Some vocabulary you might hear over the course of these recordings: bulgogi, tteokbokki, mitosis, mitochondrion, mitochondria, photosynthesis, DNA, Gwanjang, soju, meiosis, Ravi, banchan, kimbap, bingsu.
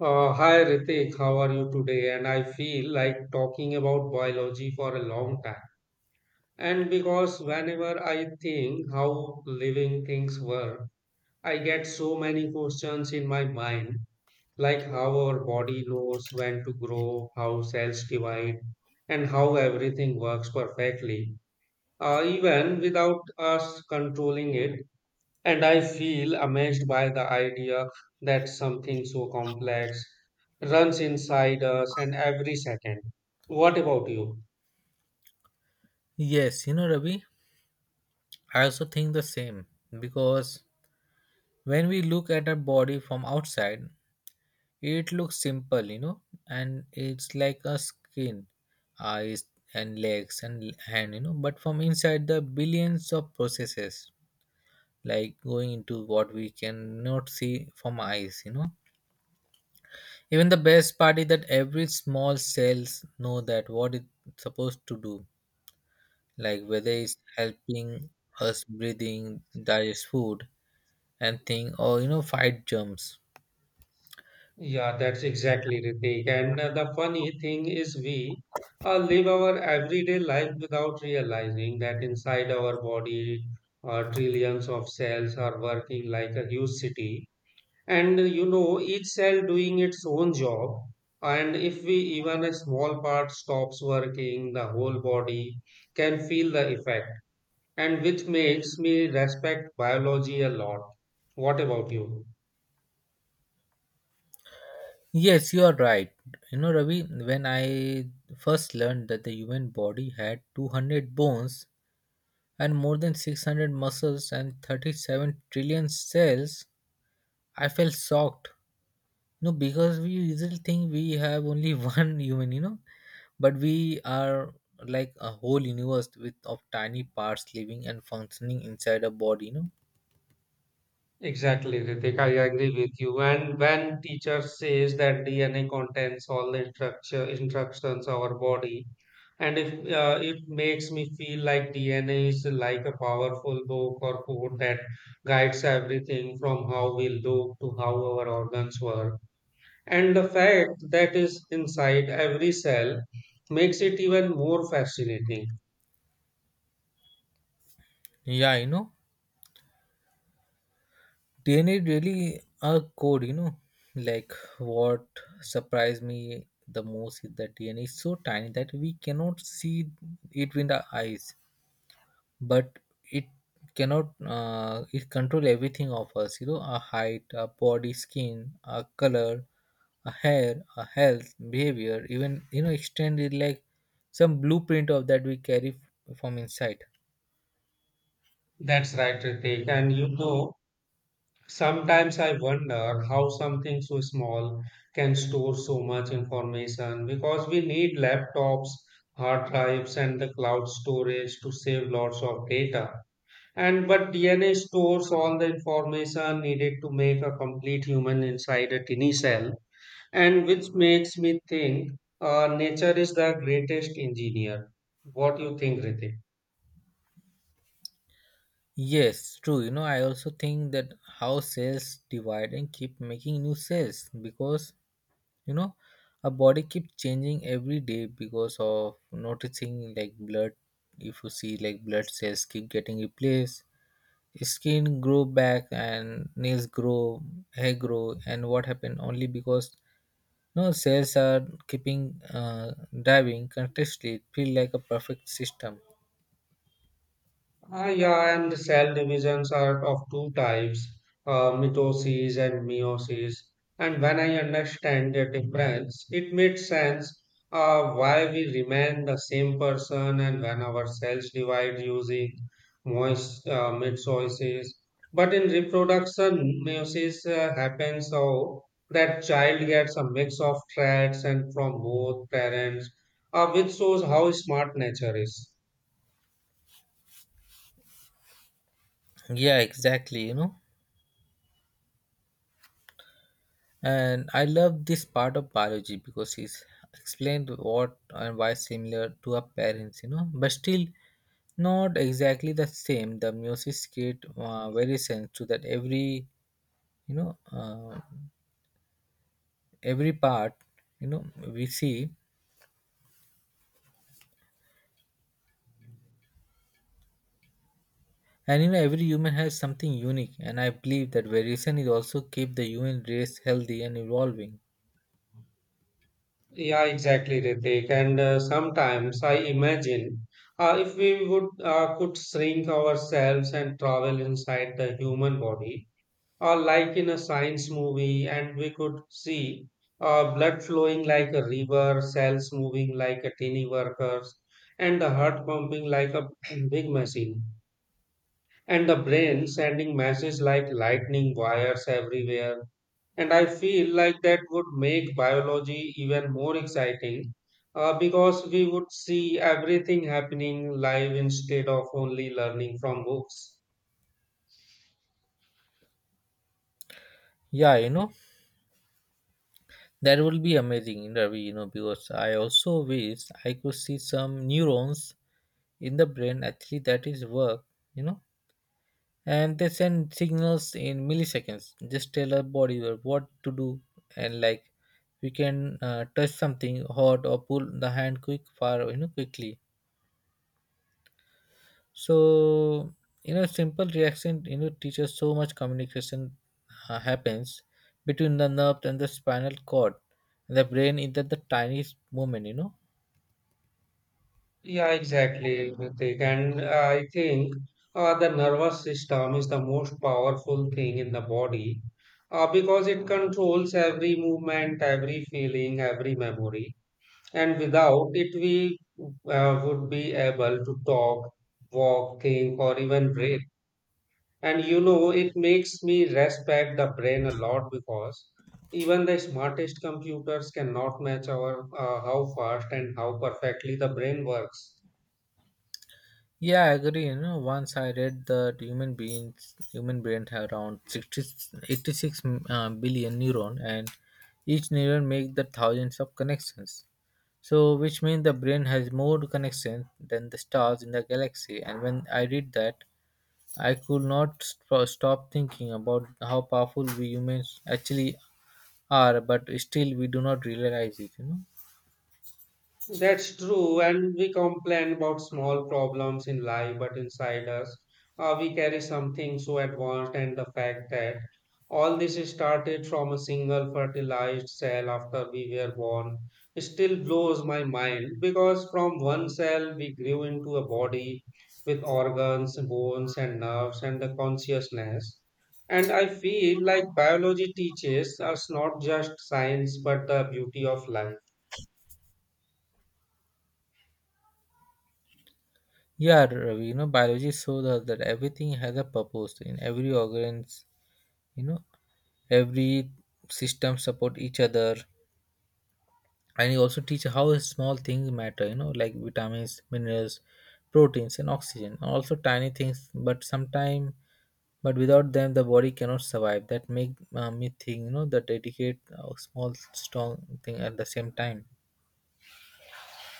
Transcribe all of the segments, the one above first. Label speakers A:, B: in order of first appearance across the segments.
A: Hi Ritik, how are you today? And I feel like talking about biology for a long time. And because whenever I think how living things work, I get so many questions in my mind, like how our body knows when to grow, how cells divide, and how everything works perfectly, even without us controlling it. And I feel amazed by the idea that something so complex runs inside us and every second. What about you?
B: Yes, you know, Ravi, I also think the same because when we look at our body from outside, it looks simple, you know, and it's like a skin, eyes, and legs and hand, you know, but from inside, the billions of processes like going into what we cannot see from eyes, you know. Even the best part is that every small cells know that what it's supposed to do, like whether it's helping us breathing, digest food and thing or fight germs.
A: Yeah, that's exactly, Ritik. And the funny thing is, we live our everyday life without realizing that inside our body, trillions of cells are working like a huge city, and each cell doing its own job. And if we even a small part stops working, the whole body can feel the effect, and which makes me respect biology a lot. What about you?
B: Yes, you are right. You know, Ravi, when I first learned that the human body had 200 bones and more than 600 muscles and 37 trillion cells, I felt shocked. No, because we usually think we have only one human, you know, but we are like a whole universe with of tiny parts living and functioning inside a body, you know.
A: Exactly, Ritik. I agree with you. And when teacher says that DNA contains all the structure instructions of our body, and if it makes me feel like DNA is like a powerful book or code that guides everything from how we look to how our organs work, and the fact that is inside every cell makes it even more fascinating.
B: Yeah, you know, DNA really a code, you know. Like what surprised me the most is that DNA is so tiny that we cannot see it with the eyes, but it cannot it control everything of us. You know, our height, our body, skin, our color, our hair, our health, behavior, even you know, extended like some blueprint of that we carry from inside.
A: That's right, Ritik. And sometimes I wonder how something so small can store so much information, because we need laptops, hard drives, and the cloud storage to save lots of data. And but DNA stores all the information needed to make a complete human inside a tiny cell, and which makes me think nature is the greatest engineer. What do you think, Ritik?
B: Yes, true. You know, I also think that how sales divide and keep making new sales because you know our body keeps changing every day because of noticing like blood. If you see like blood cells keep getting replaced, skin grow back and nails grow, hair grow, and what happened only because no cells are keeping diving continuously. It feel like a perfect system.
A: Ah, yeah, and the cell divisions are of two types, mitosis and meiosis. And when I understand the difference, it makes sense why we remain the same person and when our cells divide using moist mitosis. But in reproduction, meiosis happens so that child gets a mix of traits and from both parents, which shows how smart nature is.
B: Yeah, exactly. And I love this part of biology because he's explained what and why similar to our parents, you know, but still not exactly the same. The meiosis create variations so that every, you know, uh, every part, you know, we see. And you know, every human has something unique, and I believe that variation is also keep the human race healthy and evolving.
A: Yeah, exactly, Ritik. And sometimes I imagine if we would could shrink ourselves and travel inside the human body, or like in a science movie, and we could see blood flowing like a river, cells moving like a tiny workers, and the heart pumping like a big machine, and the brain sending messages like lightning wires everywhere. And I feel like that would make biology even more exciting because we would see everything happening live instead of only learning from books.
B: Yeah, you know, that will be amazing, Ravi, you know, because I also wish I could see some neurons in the brain actually that is work, you know, and they send signals in milliseconds just tell our body what to do, and like we can touch something hot or pull the hand quick far, you know, quickly. So, you know, simple reaction you know teaches so much communication happens between the nerves and the spinal cord, the brain is that the tiniest movement, you know.
A: Yeah, exactly, Ritik. And I think the nervous system is the most powerful thing in the body because it controls every movement, every feeling, every memory. And without it, we would be able to talk, walk, think, or even breathe. And it makes me respect the brain a lot, because even the smartest computers cannot match our how fast and how perfectly the brain works.
B: Yeah, I agree. You know, once I read that human beings, human brain have around 60, 86 billion neuron, and each neuron make the thousands of connections. So, which means the brain has more connections than the stars in the galaxy. And when I read that, I could not stop thinking about how powerful we humans actually are, but still we do not realize it. You know.
A: That's true, and we complain about small problems in life, but inside us, we carry something so advanced, and the fact that all this is started from a single fertilized cell after we were born still blows my mind, because from one cell we grew into a body with organs, bones, and nerves, and the consciousness. And I feel like biology teaches us not just science but the beauty of life.
B: Yeah, Ravi, you know, biology shows us that everything has a purpose in every organs, you know, every system support each other, and you also teach how small things matter, you know, like vitamins, minerals, proteins and oxygen and also tiny things, but sometime, but without them the body cannot survive. That make me think, you know, the dedicate small strong thing at the same time.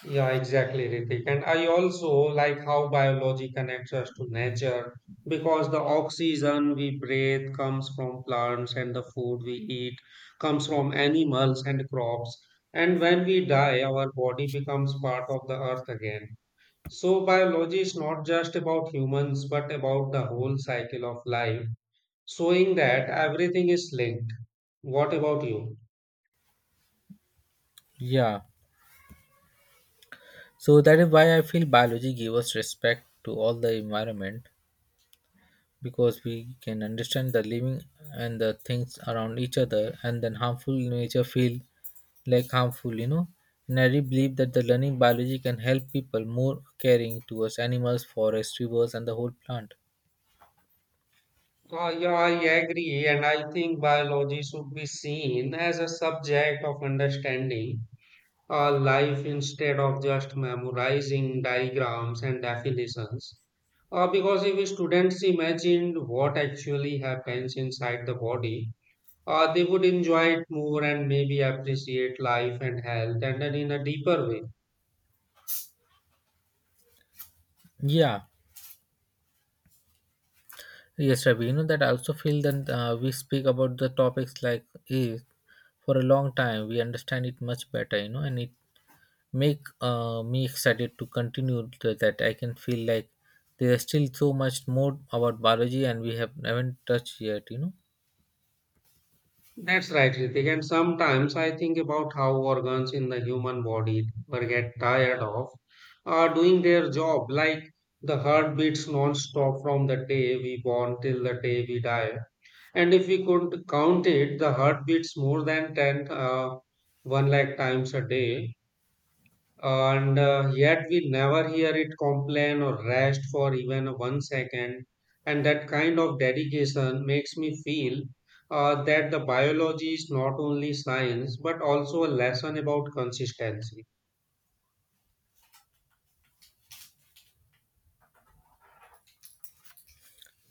A: Yeah, exactly, Ritik. And I also like how biology connects us to nature, because the oxygen we breathe comes from plants and the food we eat comes from animals and crops. And when we die, our body becomes part of the earth again. So, biology is not just about humans, but about the whole cycle of life, showing that everything is linked. What about you?
B: Yeah, so that is why I feel biology give us respect to all the environment because we can understand the living and the things around each other, and then harmful nature feel like harmful, you know. And I really believe that the learning biology can help people more caring towards animals, forests, rivers and the whole plant.
A: Yeah, I agree, and I think biology should be seen as a subject of understanding life instead of just memorizing diagrams and definitions. Because if students imagined what actually happens inside the body, they would enjoy it more and maybe appreciate life and health and then in a deeper way.
B: Yeah, yes, Ravi. You know that I also feel that we speak about the topics like is for a long time we understand it much better, you know, and it make me excited to continue to that I can feel like there's still so much more about biology and we have haven't touched yet, you know.
A: That's right, Ritik. And sometimes I think about how organs in the human body were get tired of doing their job, like the heart beats non-stop from the day we born till the day we die. And if we could count it, the heart beats more than 10, 1 lakh times a day, and yet we never hear it complain or rest for even one second. And that kind of dedication makes me feel that the biology is not only science but also a lesson about consistency.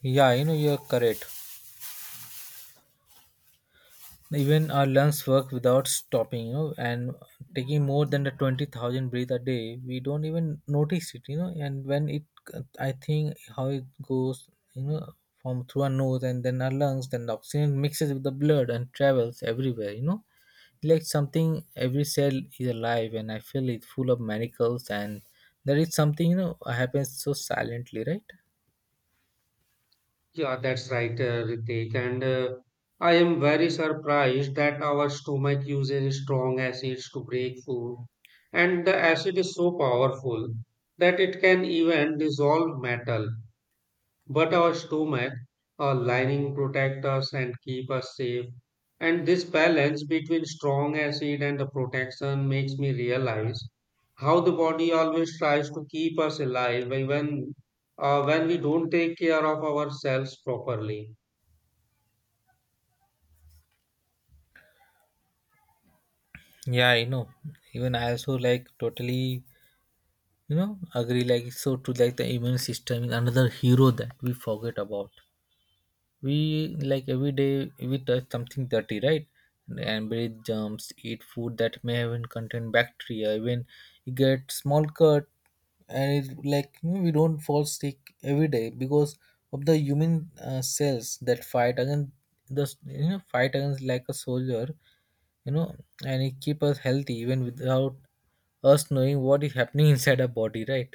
B: Yeah, you know, you're correct. Even our lungs work without stopping, you know, and taking more than the 20,000 breath a day we don't even notice it, you know. And when it, I think how it goes, you know, from through our nose and then our lungs, then the oxygen mixes with the blood and travels everywhere, you know, like something every cell is alive, and I feel it full of miracles, and there is something, you know, happens so silently, right.
A: Yeah, that's right, Ritik. And I am very surprised that our stomach uses strong acids to break food, and the acid is so powerful that it can even dissolve metal. But our stomach, our lining protect us and keep us safe. And this balance between strong acid and the protection makes me realize how the body always tries to keep us alive even when we don't take care of ourselves properly.
B: Yeah, you know, even I also like totally, you know, agree, like it's so true. Like the immune system is another hero that we forget about. We like every day we touch something dirty, right, and breathe germs, eat food that may even contain bacteria, even you get small cut, and it's like, you know, we don't fall sick every day because of the human cells that fight against the, you know, fight against like a soldier, you know, and it keep us healthy even without us knowing what is happening inside our body, right.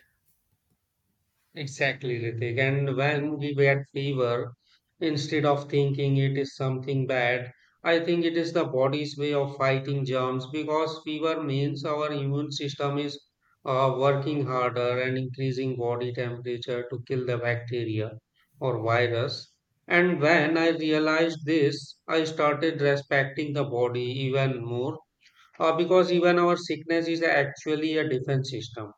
A: Exactly, Ritik. And when we get fever, instead of thinking it is something bad, I think it is the body's way of fighting germs, because fever means our immune system is working harder and increasing body temperature to kill the bacteria or virus. And when I realized this, I started respecting the body even more, because even our sickness is actually a defense system.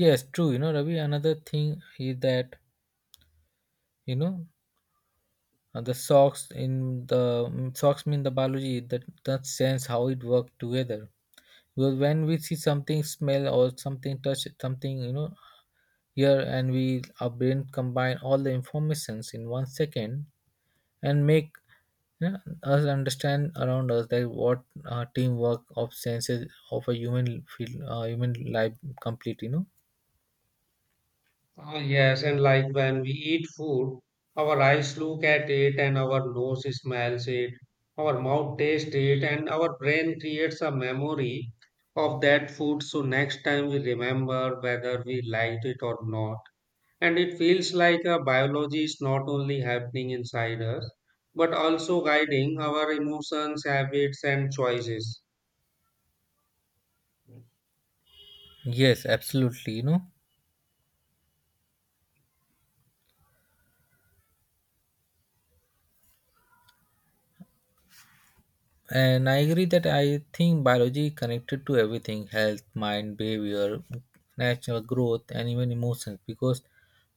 B: Yes, true. You know, Ravi, another thing is that, you know, the socks in the socks mean the biology that sense how it work together. Because when we see something, smell or something, touch something, you know, here, and we our brain combine all the informations in 1 second and make, you know, us understand around us that what teamwork of senses of a human feel human life complete. You know.
A: Ah, yes, and like when we eat food, our eyes look at it and our nose smells it, our mouth tastes it, and our brain creates a memory of that food. So next time we remember whether we liked it or not. And it feels like a biology is not only happening inside us, but also guiding our emotions, habits, and choices.
B: Yes, absolutely. And I agree that I think biology connected to everything, health, mind, behavior, natural growth, and even emotions, because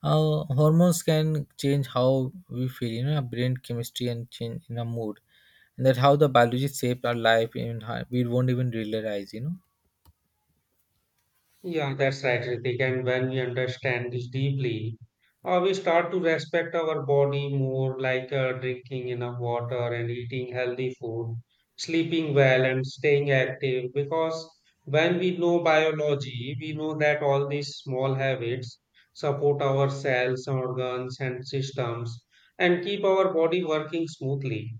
B: hormones can change how we feel, you know, our brain chemistry and change in our mood. And that how the biology shaped our life, and how we won't even realize, you know.
A: Yeah, that's right, Ritik. And when we understand this deeply, we start to respect our body more, like drinking enough water and eating healthy food, sleeping well, and staying active. Because when we know biology, we know that all these small habits support our cells, organs, and systems and keep our body working smoothly.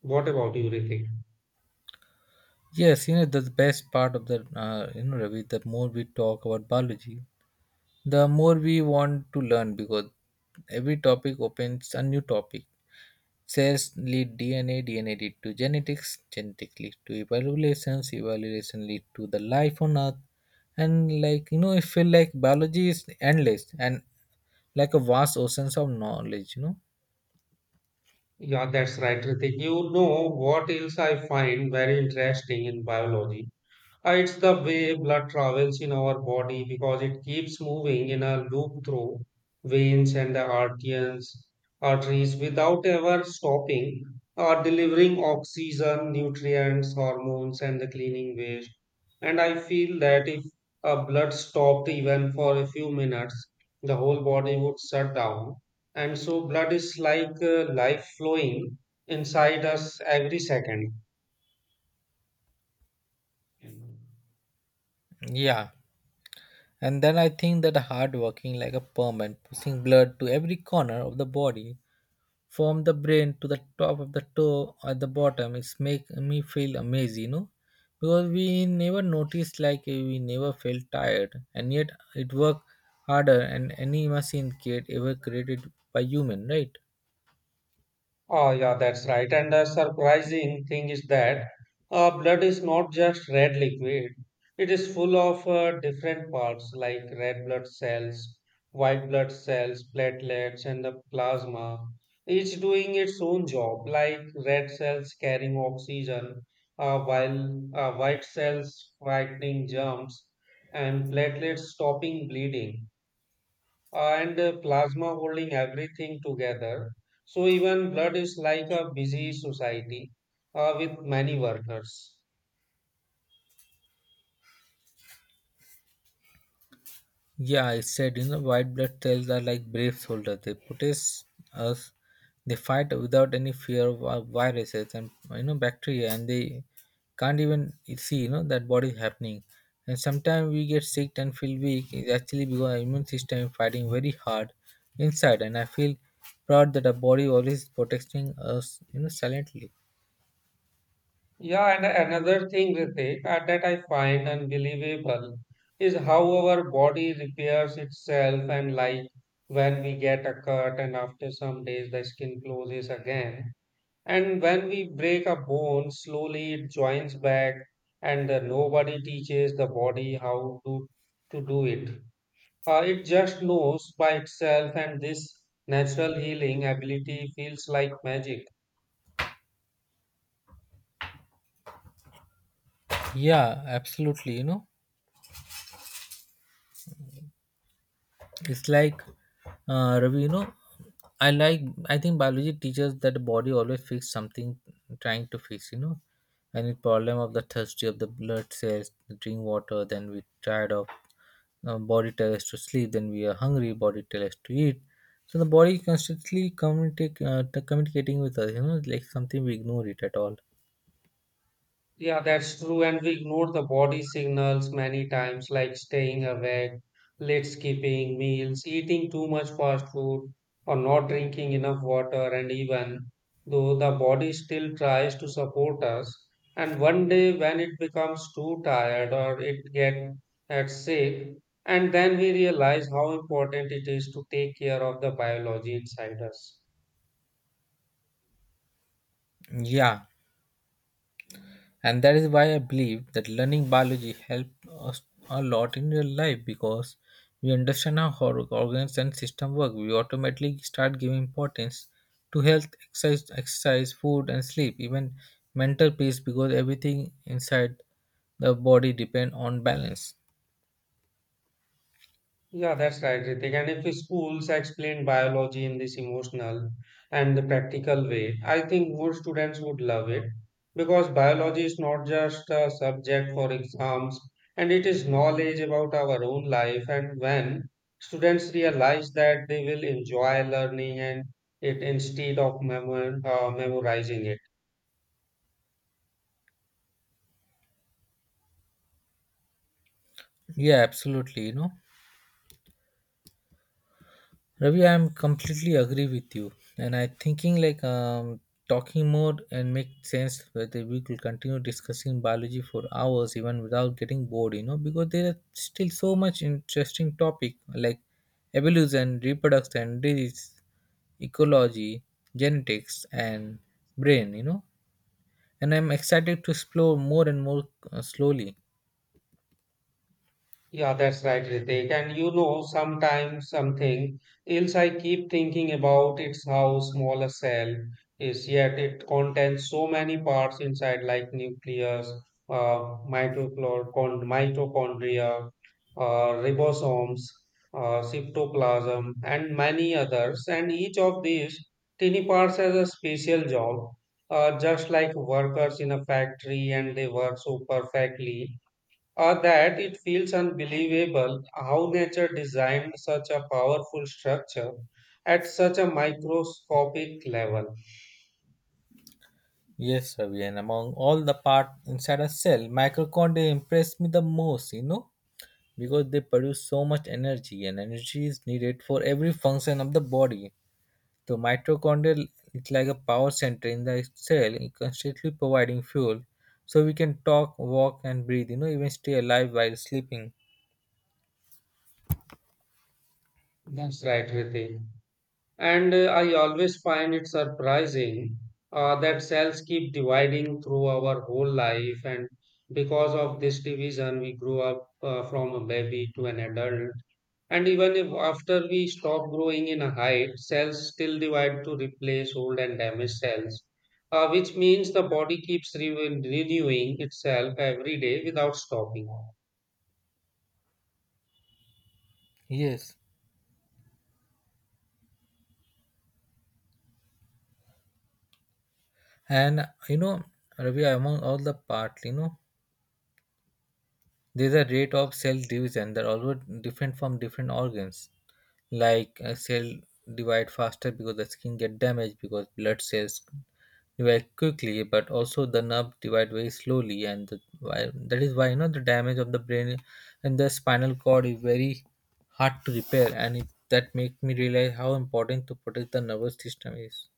A: What about you, Ritik?
B: Yes, you know, the best part of the, you know, Ravi, the more we talk about biology, the more we want to learn, because every topic opens a new topic. Cells lead DNA, DNA lead to genetics, genetics lead to evaluations, evaluation lead to the life on earth. And like, you know, I feel like biology is endless and like a vast oceans of knowledge, you know.
A: Yeah, that's right, Ritik. You know what else I find very interesting in biology? It's the way blood travels in our body, because it keeps moving in a loop through veins and the arteries, without ever stopping or delivering oxygen, nutrients, hormones, and the cleaning waste. And I feel that if blood stopped even for a few minutes, the whole body would shut down. And so blood is like life flowing inside us every second.
B: Yeah. And then I think that hard working like a perm and pushing blood to every corner of the body from the brain to the top of the toe at the bottom, it's make me feel amazed, you know, because we never noticed like we never felt tired, and yet it worked harder than any machine kit ever created by human, right.
A: Oh, yeah, that's right. And the surprising thing is that blood is not just red liquid, it is full of different parts like red blood cells, white blood cells, platelets, and the plasma, each doing its own job, like red cells carrying oxygen, while white cells fighting germs, and platelets stopping bleeding and the plasma holding everything together. So even blood is like a busy society, with many workers.
B: Yeah, I said, you know, white blood cells are like brave soldiers. They protect us. They fight without any fear of viruses and you know bacteria, and they can't even see, you know, that what is happening. And sometimes we get sick and feel weak. It's actually because our immune system is fighting very hard inside. And I feel proud that our body always protecting us, you know, silently.
A: Yeah, and another thing, Ritik, that I find unbelievable is how our body repairs itself, and like when we get a cut and after some days the skin closes again. And when we break a bone, slowly it joins back, and nobody teaches the body how to do it. It just knows by itself, and this natural healing ability feels like magic.
B: Yeah, absolutely. You know, it's like Ravi, you know, I like I think biology teaches that the body always fix something, trying to fix, you know. Any problem of the thirsty of the blood cells, drink water, then we tired of body tells us to sleep, then we are hungry, body tells us to eat. So the body constantly communicate, communicating with us, you know, like something we ignore it at all.
A: Yeah, that's true. And we ignore the body signals many times, like staying awake late, skipping meals, eating too much fast food, or not drinking enough water. And even though the body still tries to support us, and one day when it becomes too tired or it gets sick, and then we realize how important it is to take care of the biology inside us.
B: Yeah, and that is why I believe that learning biology helped us a lot in real life, because we understand how our organs and system work, we automatically start giving importance to health, exercise, food and sleep, even mental peace, because everything inside the body depend on balance.
A: Yeah, that's right, Ritik. And if schools explain biology in this emotional and the practical way, I think more students would love it, because biology is not just a subject for exams and it is knowledge about our own life. And when students realize that, they will enjoy learning and it instead of memorizing it.
B: Yeah, absolutely, you know, Ravi, I'm completely agree with you, and I thinking like talking more and make sense whether we could continue discussing biology for hours even without getting bored, you know, because there are still so much interesting topic like evolution, reproduction, disease, ecology, genetics, and brain, you know, and I'm excited to explore more and more slowly.
A: Yeah, that's right, Ritik. And sometimes something else I keep thinking about it's how small a cell is, yet it contains so many parts inside, like nucleus, uh, mitochondria, ribosomes, cytoplasm, and many others. And each of these tiny parts has a special job, just like workers in a factory, and they work so perfectly or that it feels unbelievable how nature designed such a powerful structure at such a microscopic level.
B: Yes, Ravi, and among all the part inside a cell, mitochondria impressed me the most, because they produce so much energy and energy is needed for every function of the body so mitochondria is like a power center in the cell it constantly providing fuel so we can talk walk and breathe, even stay alive while sleeping.
A: That's right, Riti. And I always find it surprising, that cells keep dividing through our whole life, and because of this division, we grew up, from a baby to an adult. And even if after we stop growing in a height, cells still divide to replace old and damaged cells, which means the body keeps renewing itself every day without stopping.
B: Yes, and you know Ravi, among all the parts, there's a rate of cell division that also different from different organs, like a cell divide faster because the skin get damaged because blood cells very quickly, but also the nerve divide very slowly, and the, why, that is why you know the damage of the brain and the spinal cord is very hard to repair, and it, that make me realize how important to protect the nervous system is.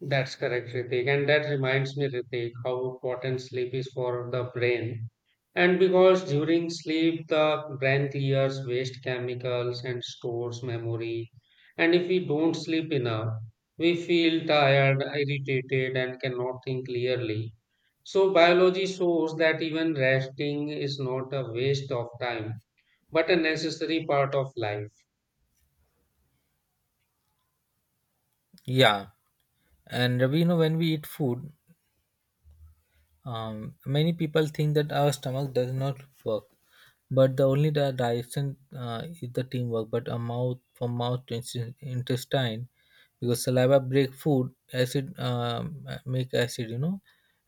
A: That's correct, Ritik. And that reminds me, Ritik, how important sleep is for the brain. And because during sleep, the brain clears waste chemicals and stores memory. And if we don't sleep enough, we feel tired, irritated, and cannot think clearly. So biology shows that even resting is not a waste of time, but a necessary part of life.
B: Yeah, and we when we eat food, many people think that our stomach does not work, but the only direction is the teamwork. But a mouth from mouth to intestine, because saliva break food acid make acid,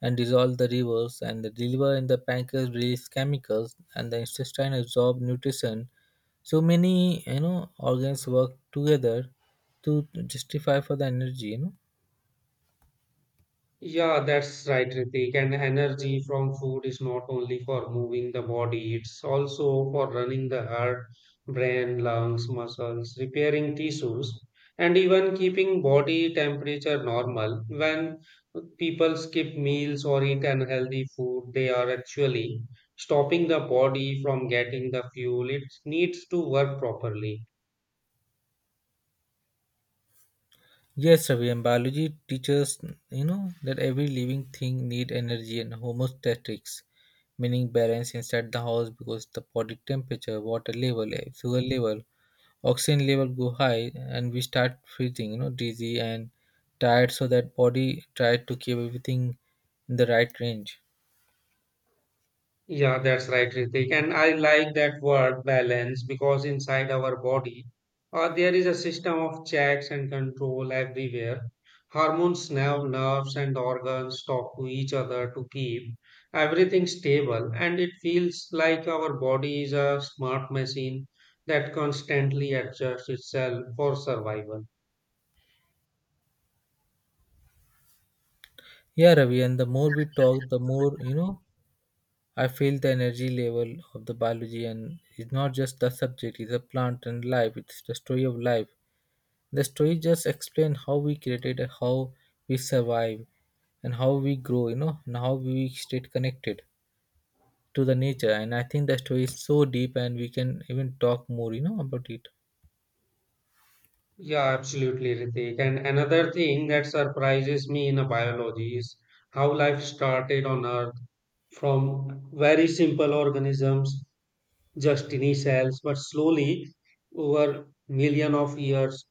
B: and dissolve the rivers, and the liver and the pancreas release chemicals, and the intestine absorb nutrition. So many organs work together to justify for the energy,
A: Yeah, that's right, Ritik. And energy from food is not only for moving the body, it's also for running the heart, brain, lungs, muscles, repairing tissues, and even keeping body temperature normal. When people skip meals or eat unhealthy food, they are actually stopping the body from getting the fuel it needs to work properly.
B: Yes, Ravi, and biology teaches that every living thing need energy and homeostasis, meaning balance inside the house because the body temperature, water level, eh, fuel level, oxygen level go high, and we start feeling dizzy and tired. So that body try to keep everything in the right range.
A: Yeah, that's right, Ritik. And I like that word balance because inside our body, there is a system of checks and control everywhere. Hormones, nerves, and organs talk to each other to keep everything stable. And it feels like our body is a smart machine that constantly adjusts itself for survival.
B: Yeah, Ravi, and the more we talk, the more. I feel the energy level of the biology, and it's not just the subject; it's a plant and life. It's the story of life. The story just explains how we created, how we survive, and how we grow. You know, and how we stayed connected to the nature. And I think the story is so deep, and we can even talk more. You know about it.
A: Yeah, absolutely, Ritik. And another thing that surprises me in biology is how life started on Earth from very simple organisms, just tiny cells, but slowly over million of years,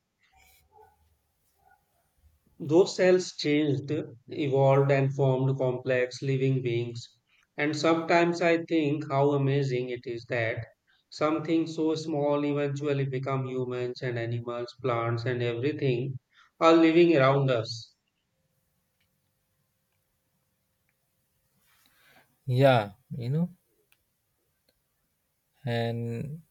A: those cells changed, evolved, and formed complex living beings. And sometimes I think how amazing it is that something so small eventually become humans and animals, plants, and everything are living around us.
B: Yeah, you know, and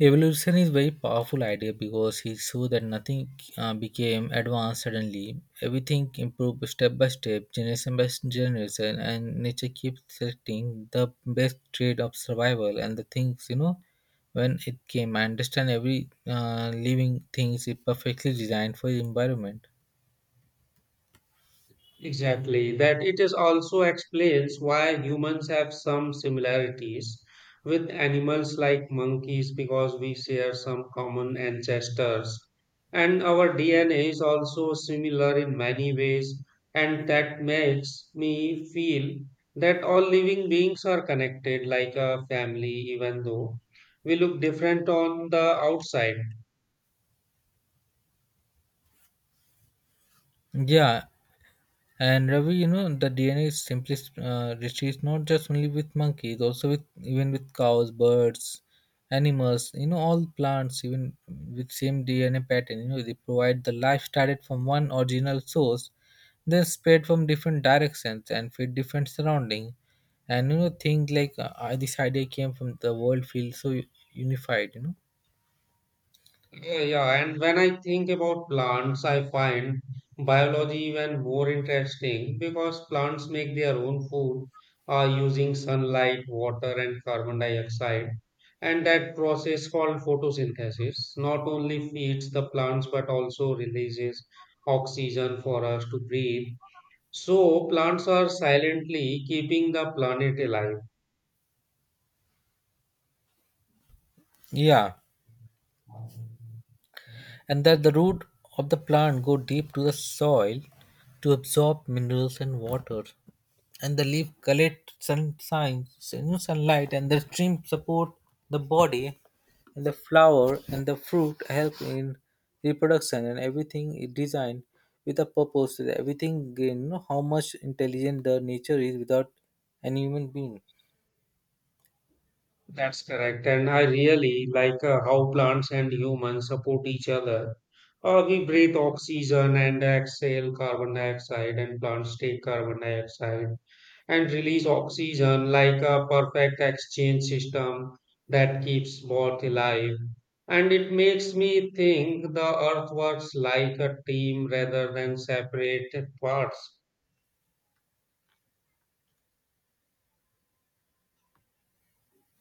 B: evolution is very powerful idea because it shows that nothing became advanced suddenly. Everything improved step by step, generation by generation, and nature keeps selecting the best trade of survival and the things, When it came, I understand every living thing is perfectly designed for the environment.
A: Exactly, that it is also explains why humans have some similarities with animals like monkeys because we share some common ancestors. And our DNA is also similar in many ways, and that makes me feel that all living beings are connected like a family, even though we look different on the outside.
B: Yeah, and Ravi, you know, the DNA is simply retrieved not just only with monkeys, also with even with cows, birds, animals, all plants, even with same DNA pattern, they provide the life started from one original source, then spread from different directions and fit different surrounding. And you know, things like this idea came from the world feels so unified,
A: Yeah, yeah, and when I think about plants, I find biology even more interesting because plants make their own food using sunlight, water, and carbon dioxide. And that process called photosynthesis not only feeds the plants but also releases oxygen for us to breathe. So, plants are silently keeping the planet alive.
B: Yeah, and that the root of the plant go deep to the soil to absorb minerals and water. And the leaf collects sunlight and the stream support the body and the flower and the fruit help in reproduction and everything is designed with a purpose, everything how much intelligent the nature is without an human being.
A: That's correct. And I really like, how plants and humans support each other. We breathe oxygen and exhale carbon dioxide, and plants take carbon dioxide and release oxygen like a perfect exchange system that keeps both alive. And it makes me think the earth works like a team rather than separate parts.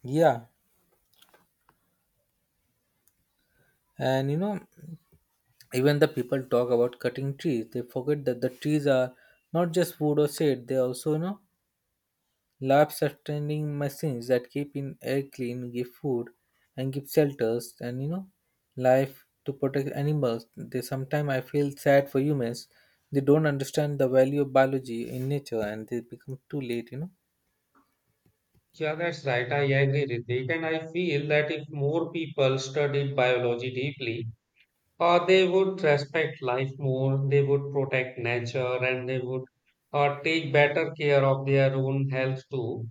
B: Yeah, and even the people talk about cutting trees they forget that the trees are not just wood or shade, they also life sustaining machines that keep in air clean, give food, and give shelters and life to protect animals. They sometimes I feel sad for humans. They don't understand the value of biology in nature and they become too late,
A: Yeah, that's right. I agree, Ritik. And I feel that if more people studied biology deeply, they would respect life more, they would protect nature, and they would, take better care of their own health too.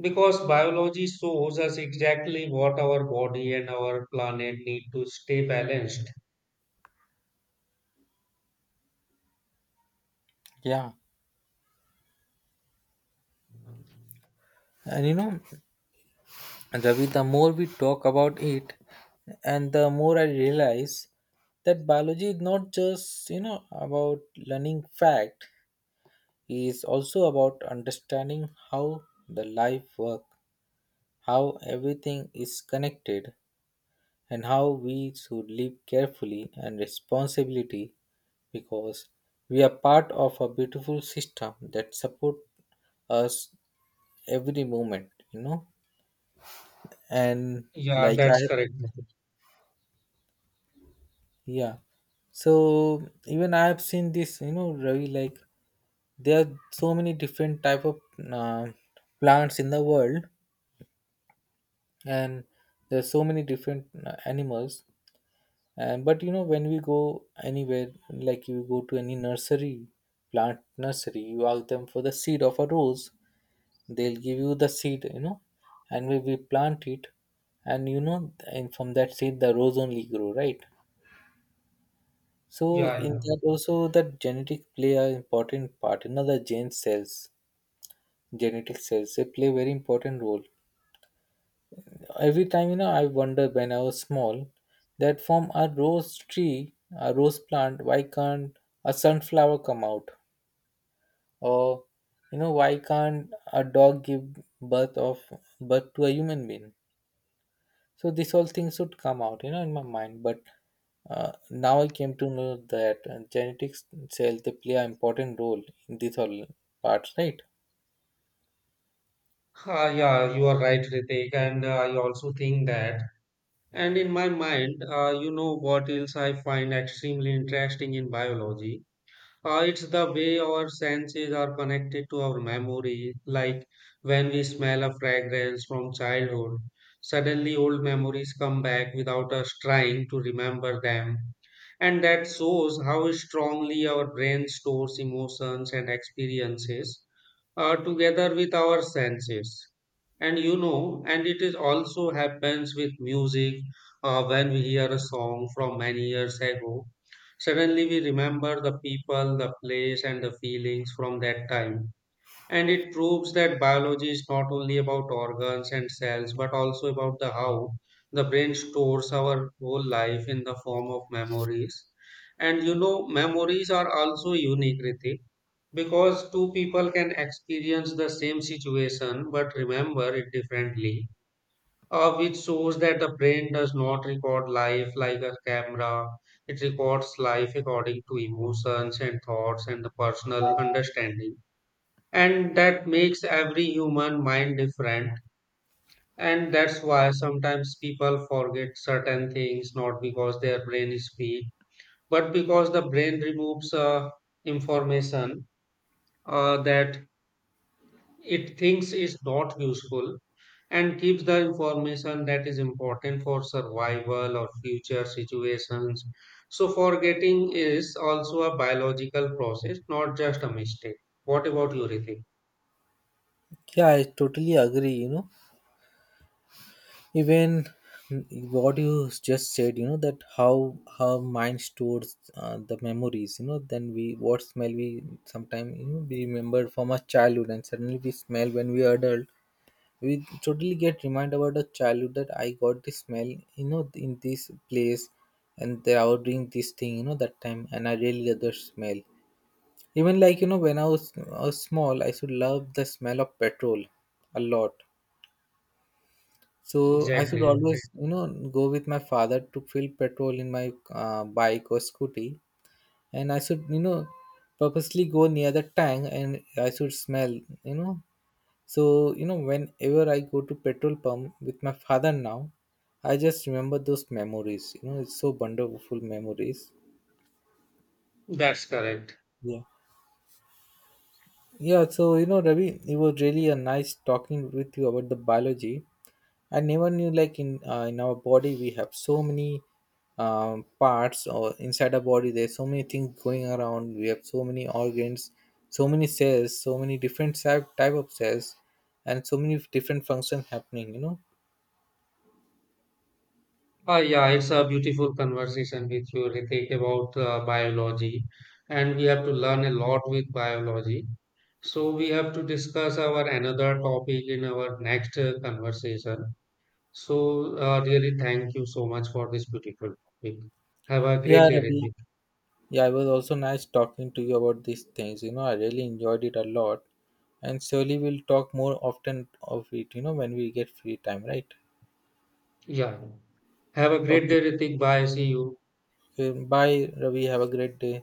A: Because biology shows us exactly what our body and our planet need to stay balanced.
B: Yeah, and Ravi, the more we talk about it, and the more I realize that biology is not just about learning fact; it is also about understanding how the life works, how everything is connected, and how we should live carefully and responsibility because we are part of a beautiful system that support us every moment, And
A: Yeah,
B: like I,
A: that's correct, Ritik.
B: yeah. So even I have seen this, Ravi. Like there are so many different type of uh, plants in the world, and there are so many different animals. And but you know, when we go anywhere, like you go to any nursery, plant nursery, you ask them for the seed of a rose, they'll give you the seed, and we plant it, and you know, and from that seed the rose only grow, right? So
A: Yeah,
B: in
A: yeah.
B: that also that genetic play an important part. Another gene cells, genetic cells, they play very important role. Every time, I wonder when I was small that from a rose tree, a rose plant, why can't a sunflower come out? Or, why can't a dog give birth to a human being? So this all things should come out, in my mind. But now I came to know that genetics cells they play an important role in this all parts, right?
A: Ah, yeah, you are right, Ritik. And I also think that. And in my mind, you know what else I find extremely interesting in biology? It's the way our senses are connected to our memory. Like when we smell a fragrance from childhood, suddenly old memories come back without us trying to remember them. And that shows how strongly our brain stores emotions and experiences, together with our senses. And you know, and it is also happens with music, when we hear a song from many years ago, suddenly we remember the people, the place, and the feelings from that time. And it proves that biology is not only about organs and cells, but also about the how the brain stores our whole life in the form of memories. And you know, memories are also unique, Ritik, because two people can experience the same situation but remember it differently, which shows that the brain does not record life like a camera. It records life according to emotions and thoughts and the personal understanding, and that makes every human mind different. And that's why sometimes people forget certain things, not because their brain is weak, but because the brain removes, information, that it thinks is not useful, and keeps the information that is important for survival or future situations. So forgetting is also a biological process, not just a mistake. What about you, Ritik?
B: Yeah, I totally agree. You know, even what you just said that how mind stores the memories, then we what smell we sometimes we remember from our childhood and suddenly we smell when we are adult, we totally get remind about the childhood, that I got this smell, in this place and they were doing this thing, that time and I really get the smell. Even when I was small I should love the smell of petrol a lot, so I should
A: Exactly.
B: always, go with my father to fill petrol in my bike or scooty, and I should, purposely go near the tank, and I should smell, So you know, whenever I go to petrol pump with my father now, I just remember those memories. You know, it's so wonderful memories.
A: That's correct.
B: Yeah. Yeah. So you know, Ravi, it was really a nice talking with you about the biology. I never knew like in our body we have so many parts or inside our body there's so many things going around. We have so many organs, so many cells, so many different type of cells, and so many different functions happening. You know.
A: Yeah, it's a beautiful conversation with you, Ritik, about biology. And we have to learn a lot with biology. So we have to discuss our another topic in our next conversation. So really thank you so much for this beautiful topic. Have a great
B: Yeah,
A: day,
B: Ravi.
A: Ritik.
B: Yeah, it was also nice talking to you about these things. You know, I really enjoyed it a lot, and surely we'll talk more often of it. You know, when we get free time, right?
A: Yeah. Have a great
B: Okay.
A: day, Ritik. Bye. See you.
B: Okay. Bye, Ravi. Have a great day.